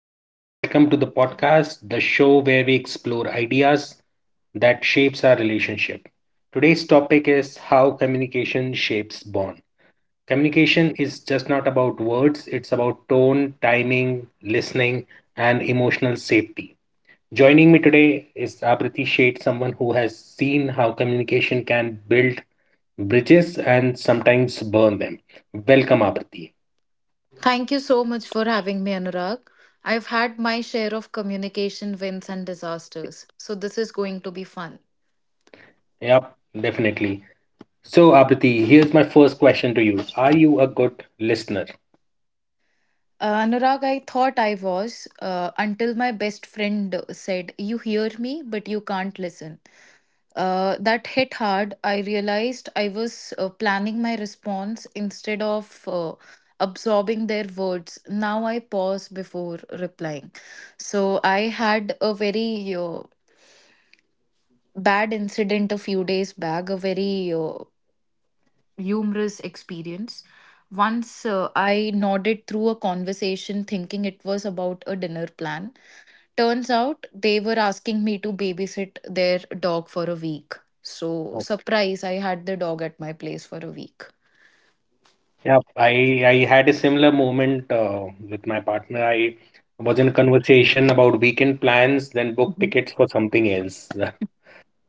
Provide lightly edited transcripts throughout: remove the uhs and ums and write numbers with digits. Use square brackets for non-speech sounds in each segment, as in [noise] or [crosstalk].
Welcome to the podcast, the show where we explore ideas that shapes our relationship. Today's topic is how communication shapes bond. Communication is just not about words; it's about tone, timing, listening, and emotional safety. Joining me today is Abriti Sheth, someone who has seen how communication can build bridges and sometimes burn them. Welcome, Abriti. Thank you so much for having me, Anurag. I've had my share of communication wins and disasters, so this is going to be fun. Yep, definitely. So, Apriti, here's my first question to you. Are you a good listener? Anurag, I thought I was until my best friend said, You hear me, but you can't listen. That hit hard. I realized I was planning my response instead of absorbing their words. Now I pause before replying. So I had a very bad incident a few days back, a very humorous experience. Once I nodded through a conversation thinking it was about a dinner plan. Turns out they were asking me to babysit their dog for a week. So, Oh. surprise, I had the dog at my place for a week. Yeah, I had a similar moment with my partner. I was in a conversation about weekend plans, then booked Mhm. tickets for something else. [laughs]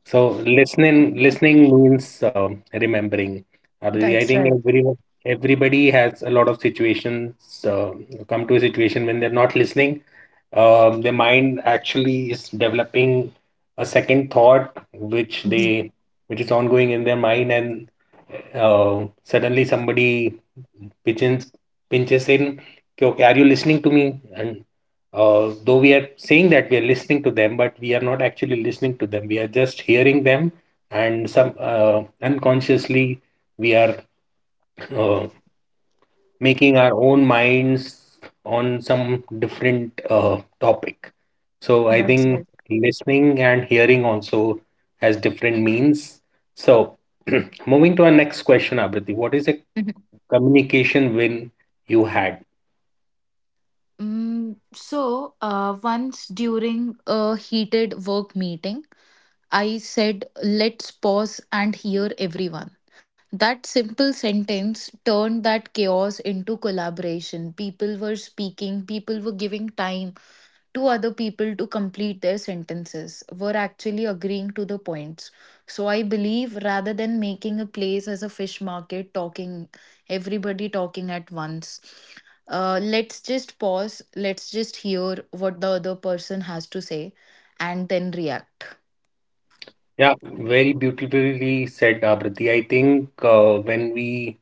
So listening means remembering. I That's think right. Everybody has a lot of situations come to a situation when they're not listening. Their mind actually is developing a second thought, Mhm. Which is ongoing in their mind, and suddenly somebody pinches pinches in. कि, okay, are you listening to me? And though we are saying that we are listening to them, but we are not actually listening to them. We are just hearing them, and some unconsciously we are uh, making our own minds on some different topic. So I That's think right. listening and hearing also has different means. So [clears throat] moving to our next question, Abriti, what is a Mhm. communication win you had? Once during a heated work meeting, I said, let's pause and hear everyone. That simple sentence turned that chaos into collaboration. People were speaking, people were giving time to other people to complete their sentences, were actually agreeing to the points. So I believe rather than making a place as a fish market, talking, everybody talking at once, let's just pause, let's just hear what the other person has to say and then react. Yeah, very beautifully said, Abrati. I think when we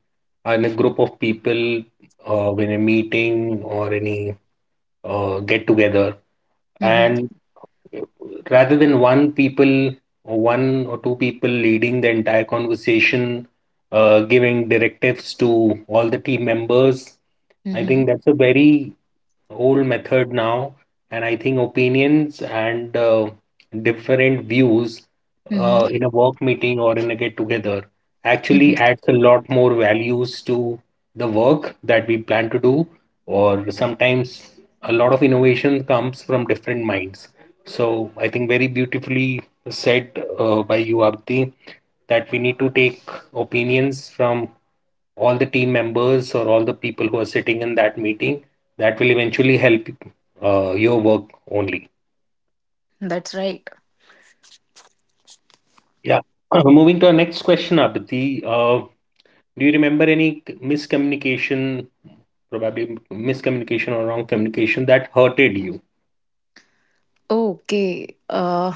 are in a group of people, when a meeting or any get together, Mm-hmm. and rather than one people or one or two people leading the entire conversation, giving directives to all the team members, I Mm-hmm. think that's a very whole method now, and I think opinions and different views Mm-hmm. In a work meeting or in a get together actually Mm-hmm. adds a lot more values to the work that we plan to do, or sometimes a lot of innovation comes from different minds. So I think very beautifully said by you, Abdi, that we need to take opinions from all the team members or all the people who are sitting in that meeting that will eventually help your work only. That's right. Yeah. Moving to our next question, Abdi, uh, do you remember any miscommunication, probably miscommunication or wrong communication that hurted you? Okay. Uh,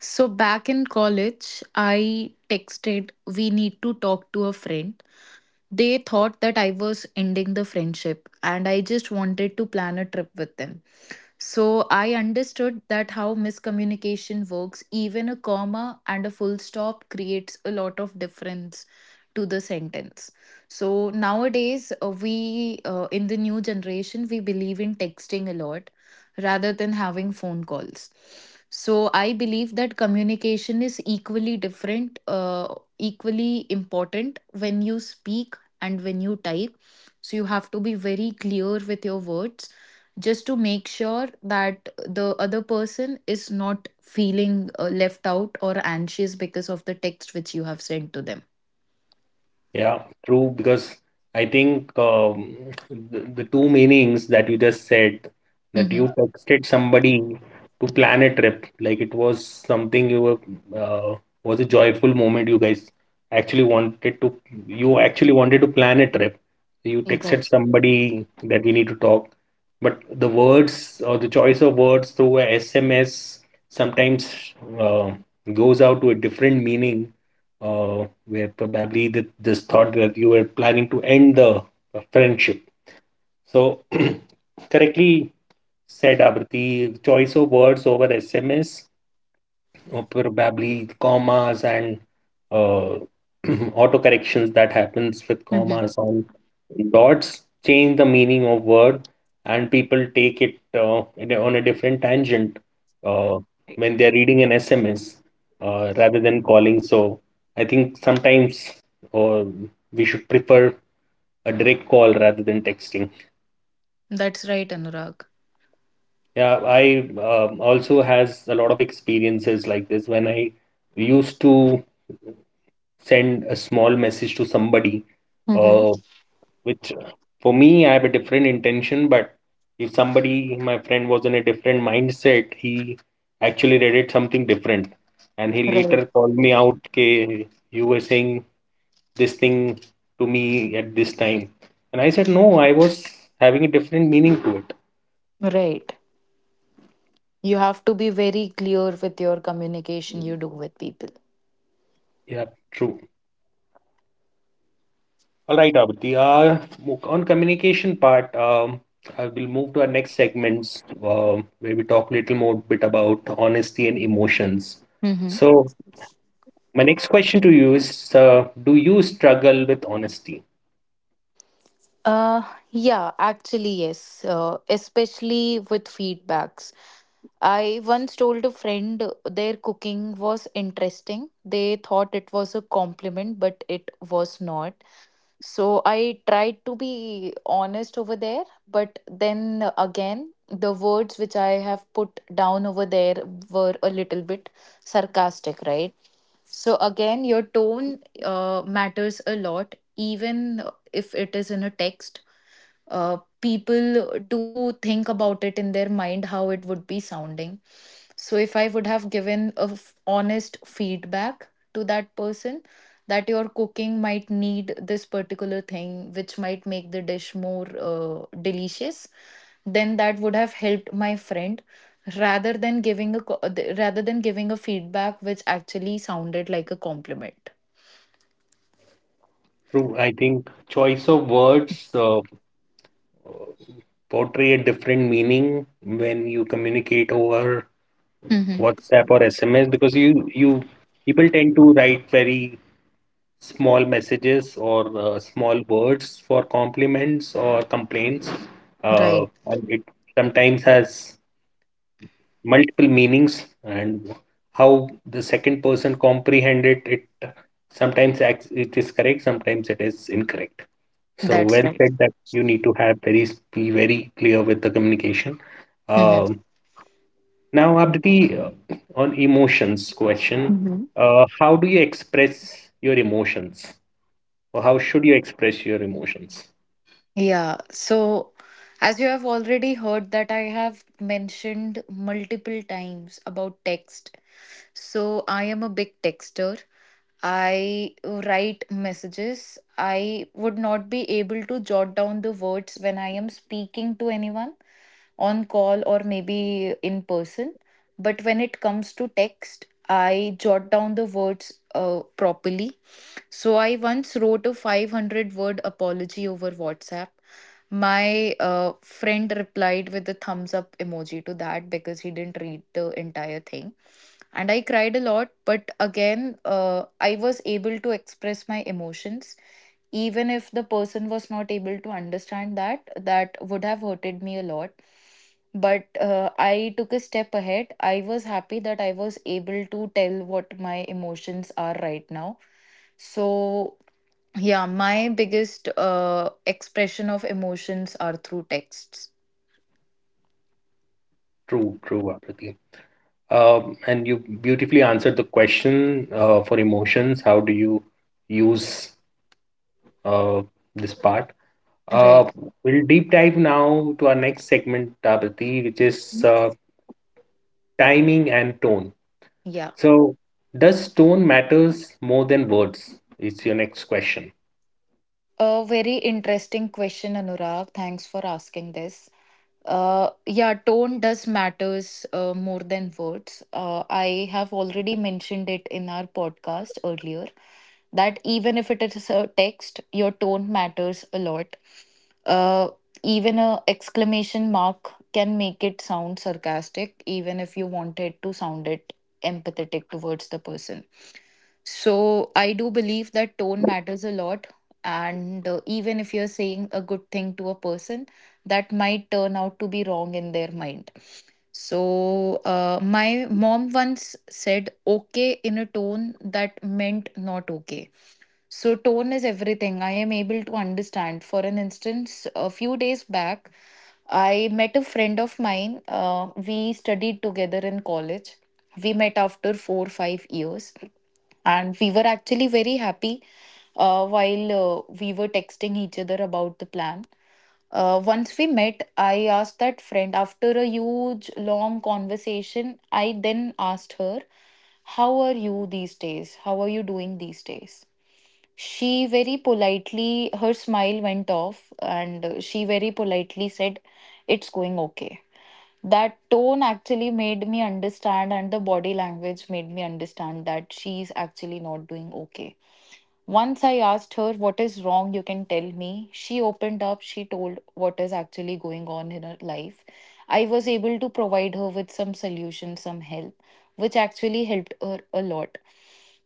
so back in college, I texted, we need to talk to a friend. They thought that I was ending the friendship and I just wanted to plan a trip with them. So I understood that how miscommunication works, even a comma and a full stop creates a lot of difference to the sentence. So nowadays, we in the new generation, we believe in texting a lot rather than having phone calls. So I believe that communication is equally different, equally important when you speak and when you type. So you have to be very clear with your words just to make sure that the other person is not feeling left out or anxious because of the text which you have sent to them. Yeah, true. Because I think the two meanings that you just said, that Hmm. you texted somebody to plan a trip, like it was something uh, was a joyful moment. You guys actually wanted to, you actually wanted to plan a trip. You texted Right. somebody that we need to talk. But the words or the choice of words through a SMS sometimes goes out to a different meaning. uh, where probably this thought that you were planning to end the friendship. So, [clears throat] correctly said, Abrati, choice of words over SMS, probably commas and uh, [clears throat] auto corrections that happens with Hmm. commas on dots change the meaning of word, and people take it on a different tangent, uh, Right. when they're reading an SMS, rather than calling. So I think sometimes uh, we should prefer a direct call rather than texting. That's right, Anurag. Yeah, I also has a lot of experiences like this when I used to send a small message to somebody, Mm-hmm. uh, which for me, I have a different intention. But if somebody, my friend, was in a different mindset, he actually read it something different. And he Right. later called me out, K, you were saying this thing to me at this time. And I said, no, I was having a different meaning to it. Right. You have to be very clear with your communication you do with people. Yeah, true. All right, Abhiti. On communication part, I will move to our next segments, where we talk a little more bit about honesty and emotions. So my next question to you is, do you struggle with honesty? Uh, yeah, actually, yes, especially with feedbacks. I once told a friend their cooking was interesting. They thought it was a compliment, but it was not. So I tried to be honest over there, but then again, the words which I have put down over there were a little bit sarcastic, right? So again, your tone matters a lot, even if it is in a text. People do think about it in their mind how it would be sounding. So, if I would have given a honest feedback to that person that your cooking might need this particular thing, which might make the dish more delicious, then that would have helped my friend rather than giving a co- rather than giving a feedback which actually sounded like a compliment. True, I think choice of words portray a different meaning when you communicate over Mm-hmm. WhatsApp or SMS because you people tend to write very small messages or small words for compliments or complaints. Right. And it sometimes has multiple meanings, and how the second person comprehend it, it sometimes acts; it is correct, sometimes it is incorrect. So That's well right. said that you need to have very be very clear with the communication. Um, Now, Abdi, on emotions question, Mm-hmm. How do you express your emotions? Or how should you express your emotions? Yeah, so as you have already heard that I have mentioned multiple times about text. So I am a big texter. I write messages. I would not be able to jot down the words when I am speaking to anyone on call or maybe in person. But when it comes to text, I jot down the words properly. So I once wrote a 500-word word apology over WhatsApp. My friend replied with a thumbs up emoji to that because he didn't read the entire thing. And I cried a lot, but again, I was able to express my emotions even if the person was not able to understand that that would have hurted me a lot, but I took a step ahead. I was happy that I was able to tell what my emotions are right now. So, yeah, my biggest expression of emotions are through texts. True, true, Apriti. And you beautifully answered the question for emotions. How do you use uh, this part? Uh, Right. we'll deep dive now to our next segment, Apriti, which is timing and tone. Yeah, So, does tone matters more than words? It's your next question. a very interesting question, Anurag. Thanks for asking this. Yeah, tone does matters more than words. I have already mentioned it in our podcast earlier that even if it is a text, your tone matters a lot. Uh, even a exclamation mark can make it sound sarcastic, even if you wanted to sound it empathetic towards the person. So I do believe that tone matters a lot, and even if you're saying a good thing to a person, that might turn out to be wrong in their mind. So, my mom once said okay in a tone that meant not okay. So, tone is everything. I am able to understand. For an instance, a few days back, I met a friend of mine. We studied together in college. We met after four, 5 years, and we were actually very happy while we were texting each other about the plan. Once we met, I asked that friend after a huge long conversation. I then asked her, How are you these days? How are you doing these days? She very politely, her smile went off, and she very politely said, It's going okay. That tone actually made me understand, and the body language made me understand that she's actually not doing okay. Once I asked her, What is wrong? You can tell me. She opened up. She told what is actually going on in her life. I was able to provide her with some solution, some help, which actually helped her a lot.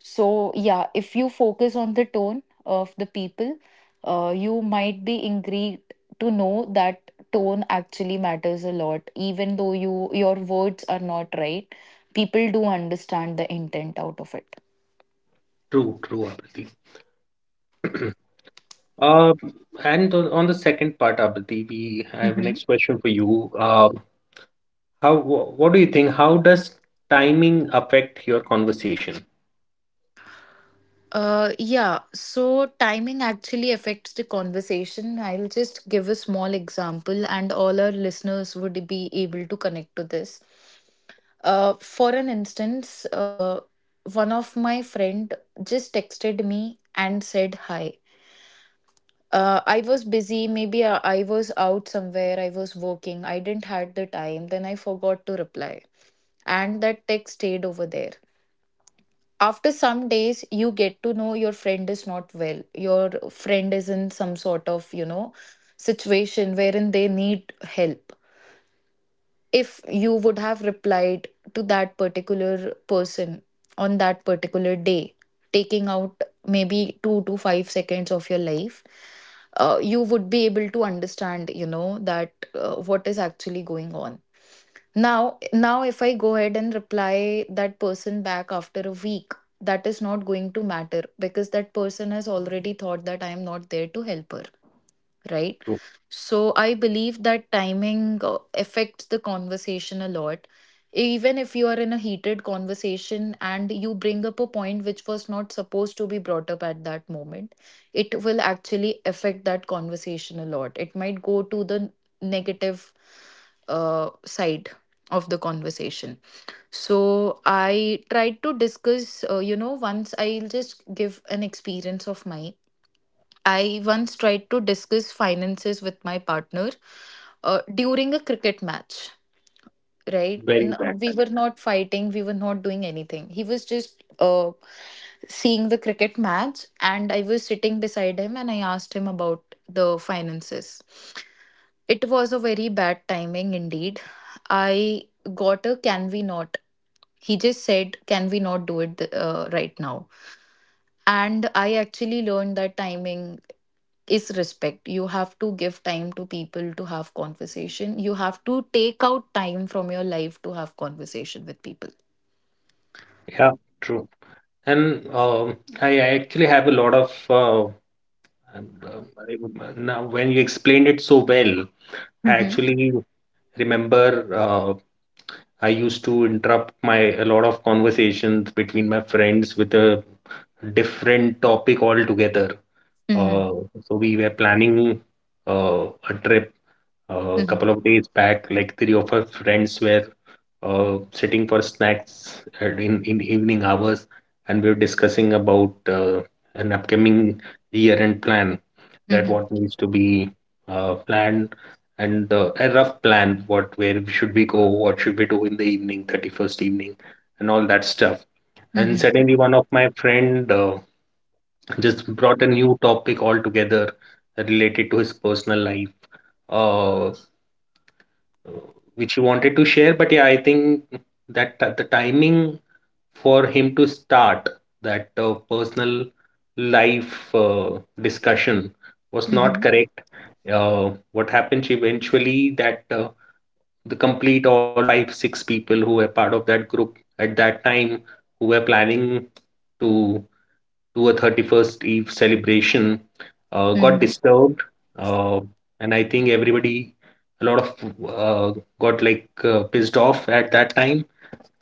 So, yeah, if you focus on the tone of the people, you might be intrigued to know that tone actually matters a lot, even though your words are not right. People do understand the intent out of it. True, true, Apriti. [clears throat] Uh, and on the second part, Abhiti, we I have a next question for you. What do you think? How does timing affect your conversation? Yeah, so timing actually affects the conversation. I'll just give a small example, and all our listeners would be able to connect to this. For an instance, one of my friend just texted me and said hi. I was busy, maybe I was out somewhere, I was working, I didn't had the time, then I forgot to reply. And that text stayed over there. After some days, you get to know your friend is not well, your friend is in some sort of, you know, situation wherein they need help. If you would have replied to that particular person on that particular day, taking out maybe 2 to 5 seconds of your life, you would be able to understand, you know, that what is actually going on. Now, if I go ahead and reply that person back after a week, that is not going to matter because that person has already thought that I am not there to help her, right? True. So I believe that timing affects the conversation a lot. Even if you are in a heated conversation and you bring up a point which was not supposed to be brought up at that moment, it will actually affect that conversation a lot. It might go to the negative side of the conversation. So I tried to discuss, you know, once I'll just give an experience of mine. I once tried to discuss finances with my partner during a cricket match, right? Very bad We were timing. not fighting, we were not doing anything. He was just seeing the cricket match, and I was sitting beside him and I asked him about the finances. It was a very bad timing indeed. I got a, can we not. He just said, can we not do it right now. And I actually learned that timing is respect. You have to give time to people to have conversation. You have to take out time from your life to have conversation with people. Yeah, true. And I actually have a lot of now when you explained it so well, I Mm-hmm. actually remember I used to interrupt my a lot of conversations between my friends with a different topic altogether. Mm-hmm. Uh, so we were planning a trip a Mm-hmm. couple of days back. Like three of our friends were sitting for snacks in evening hours, and we were discussing about an upcoming year-end plan, that Mm-hmm. what needs to be planned, and a rough plan, what where should we go, what should we do in the evening, 31st evening, and all that stuff. And Mm-hmm. suddenly, one of my friend. Just brought a new topic altogether related to his personal life, uh, which he wanted to share. But yeah, I think that the timing for him to start that personal life discussion was Mm-hmm. not correct. What happens eventually that the complete all five, six people who were part of that group at that time who were planning to do a 31st Eve celebration got Mm-hmm. disturbed. Uh, and I think everybody, a lot of got like pissed off at that time.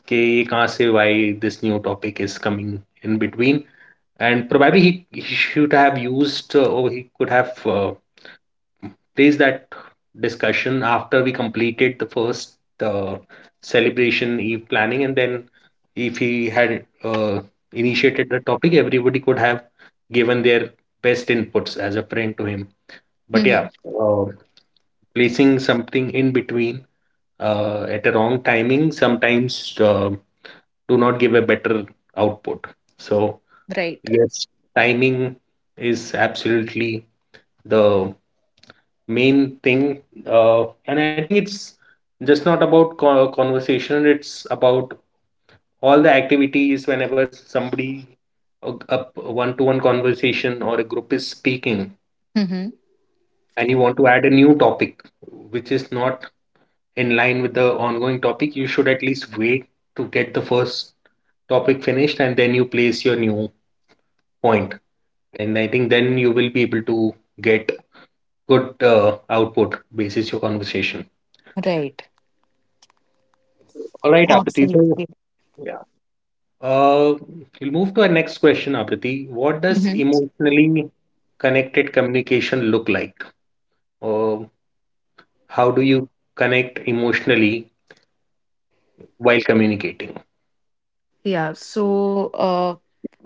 कि ये कहाँ से why this new topic is coming in between. And probably he should have used or he could have placed that discussion after we completed the first celebration eve planning. And then if he had initiated the topic, everybody could have given their best inputs as a friend to him. But yeah, Mm-hmm. uh, placing something in between at a wrong timing sometimes do not give a better output. So, Right. yes, timing is absolutely the main thing. And I think it's just not about conversation, it's about all the activities whenever somebody a one-to-one conversation or a group is speaking Mm-hmm. and you want to add a new topic which is not in line with the ongoing topic, you should at least wait to get the first topic finished and then you place your new point. And I think then you will be able to get good output basis your conversation. Right. All right, Abriti. So, Absolutely. yeah. Uh, we'll move to our next question, Apriti. What does Mm-hmm. emotionally connected communication look like? Or how do you connect emotionally while communicating? Yeah, so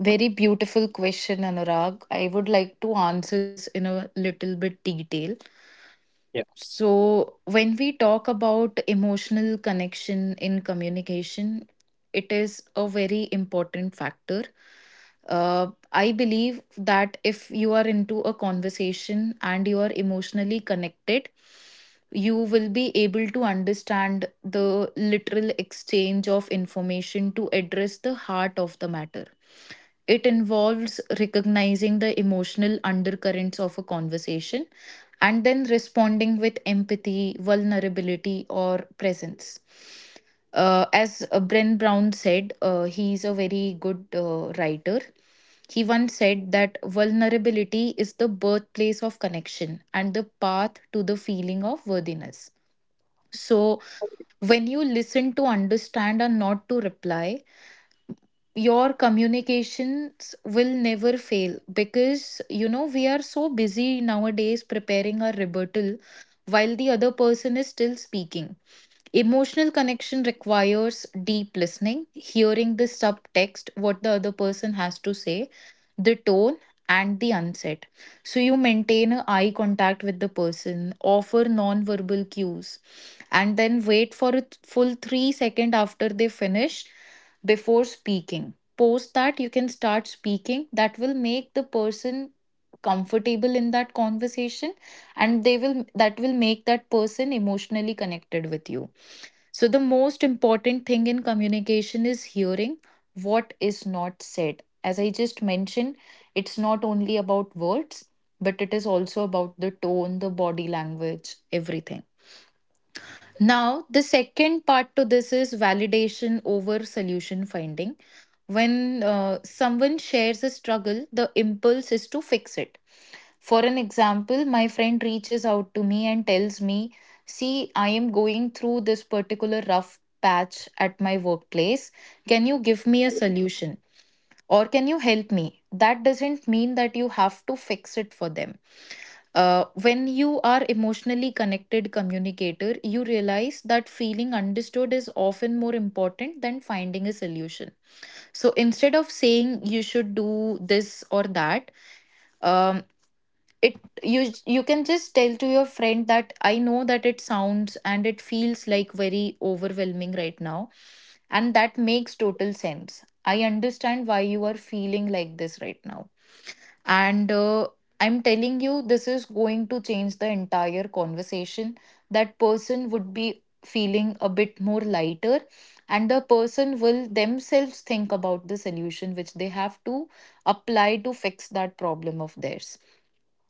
very beautiful question, Anurag. I would like to answer this in a little bit detail. Yeah. So, when we talk about emotional connection in communication, it is a very important factor. I believe that if you are into a conversation and you are emotionally connected, you will be able to understand the literal exchange of information to address the heart of the matter. It involves recognizing the emotional undercurrents of a conversation and then responding with empathy, vulnerability, or presence. As Brent Brown said, he is a very good writer. He once said that vulnerability is the birthplace of connection and the path to the feeling of worthiness. So, when you listen to understand and not to reply, your communications will never fail because you know we are so busy nowadays preparing our rebuttal while the other person is still speaking. Emotional connection requires deep listening, hearing the subtext, what the other person has to say, the tone, and the unset. So you maintain a eye contact with the person, offer non-verbal cues, and then wait for a full 3 second after they finish before speaking. Post that you can start speaking. That will make the person comfortable in that conversation, and they will that will make that person emotionally connected with you. So, the most important thing in communication is hearing what is not said. As I just mentioned, it's not only about words, but it is also about the tone, the body language, everything. Now, the second part to this is validation over solution finding. When someone shares a struggle, the impulse is to fix it. For an example, my friend reaches out to me and tells me, see, I am going through this particular rough patch at my workplace. Can you give me a solution? Or can you help me? That doesn't mean that you have to fix it for them. When you are emotionally connected communicator, you realize that feeling understood is often more important than finding a solution. So instead of saying you should do this or that, um, it you you can just tell to your friend that I know that it sounds and it feels like very overwhelming right now, and that makes total sense. I understand why you are feeling like this right now, and I'm telling you this is going to change the entire conversation. That person would be feeling a bit more lighter, and the person will themselves think about the solution which they have to apply to fix that problem of theirs.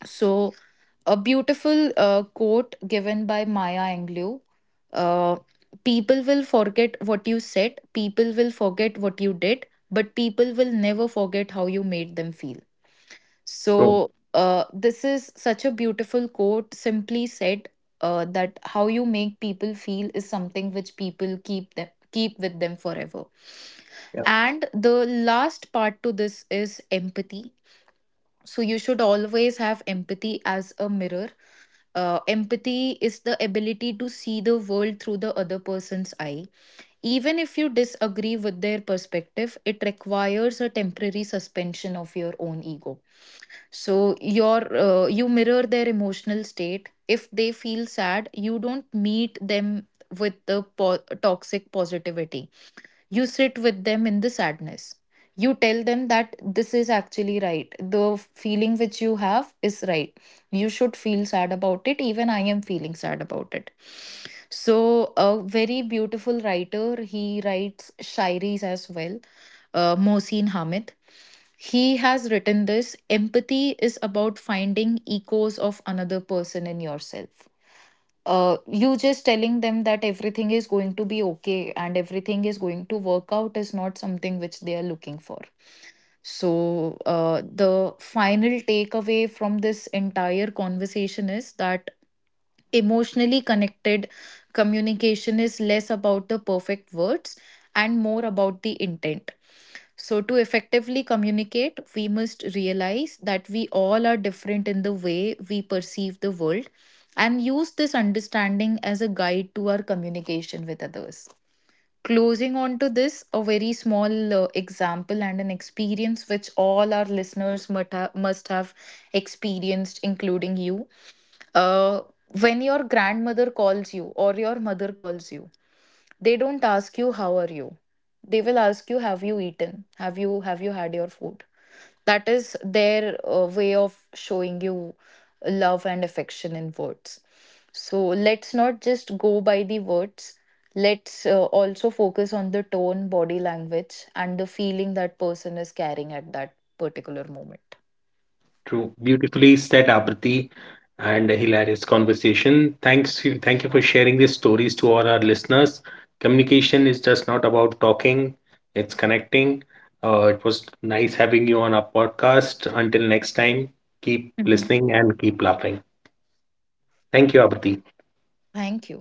So a beautiful quote given by Maya Angelou. Uh, People will forget what you said, people will forget what you did, but people will never forget how you made them feel. True. So, this is such a beautiful quote, simply said, that how you make people feel is something which people keep them keep with them forever. Yeah. And the last part to this is empathy. So you should always have empathy as a mirror. Empathy is the ability to see the world through the other person's eye. Even if you disagree with their perspective, it requires a temporary suspension of your own ego. So your you mirror their emotional state. If they feel sad, you don't meet them with the toxic positivity. You sit with them in the sadness. You tell them that this is actually right, the feeling which you have is right. You should feel sad about it, even I am feeling sad about it. So a very beautiful writer, he writes shairis as well, Mohsin Hamid. He has written this: empathy is about finding echoes of another person in yourself. Uh, you just telling them that everything is going to be okay and everything is going to work out is not something which they are looking for. So, the final takeaway from this entire conversation is that emotionally connected communication is less about the perfect words and more about the intent. So, to effectively communicate, we must realize that we all are different in the way we perceive the world, and use this understanding as a guide to our communication with others. Closing on to this, a very small example and an experience which all our listeners must have experienced, including you. uh, when your grandmother calls you or your mother calls you, they don't ask you how are you, they will ask you have you eaten, have you had your food. That is their way of showing you love and affection in words. So let's not just go by the words. Let's also focus on the tone, body language, and the feeling that person is carrying at that particular moment. True. Beautifully said, Apriti, and a hilarious conversation. Thanks you, thank you for sharing these stories to all our listeners. Communication is just not about talking, it's connecting. It was nice having you on our podcast. Until next time, keep Mhm. listening and keep laughing. Thank you, Apriti. Thank you.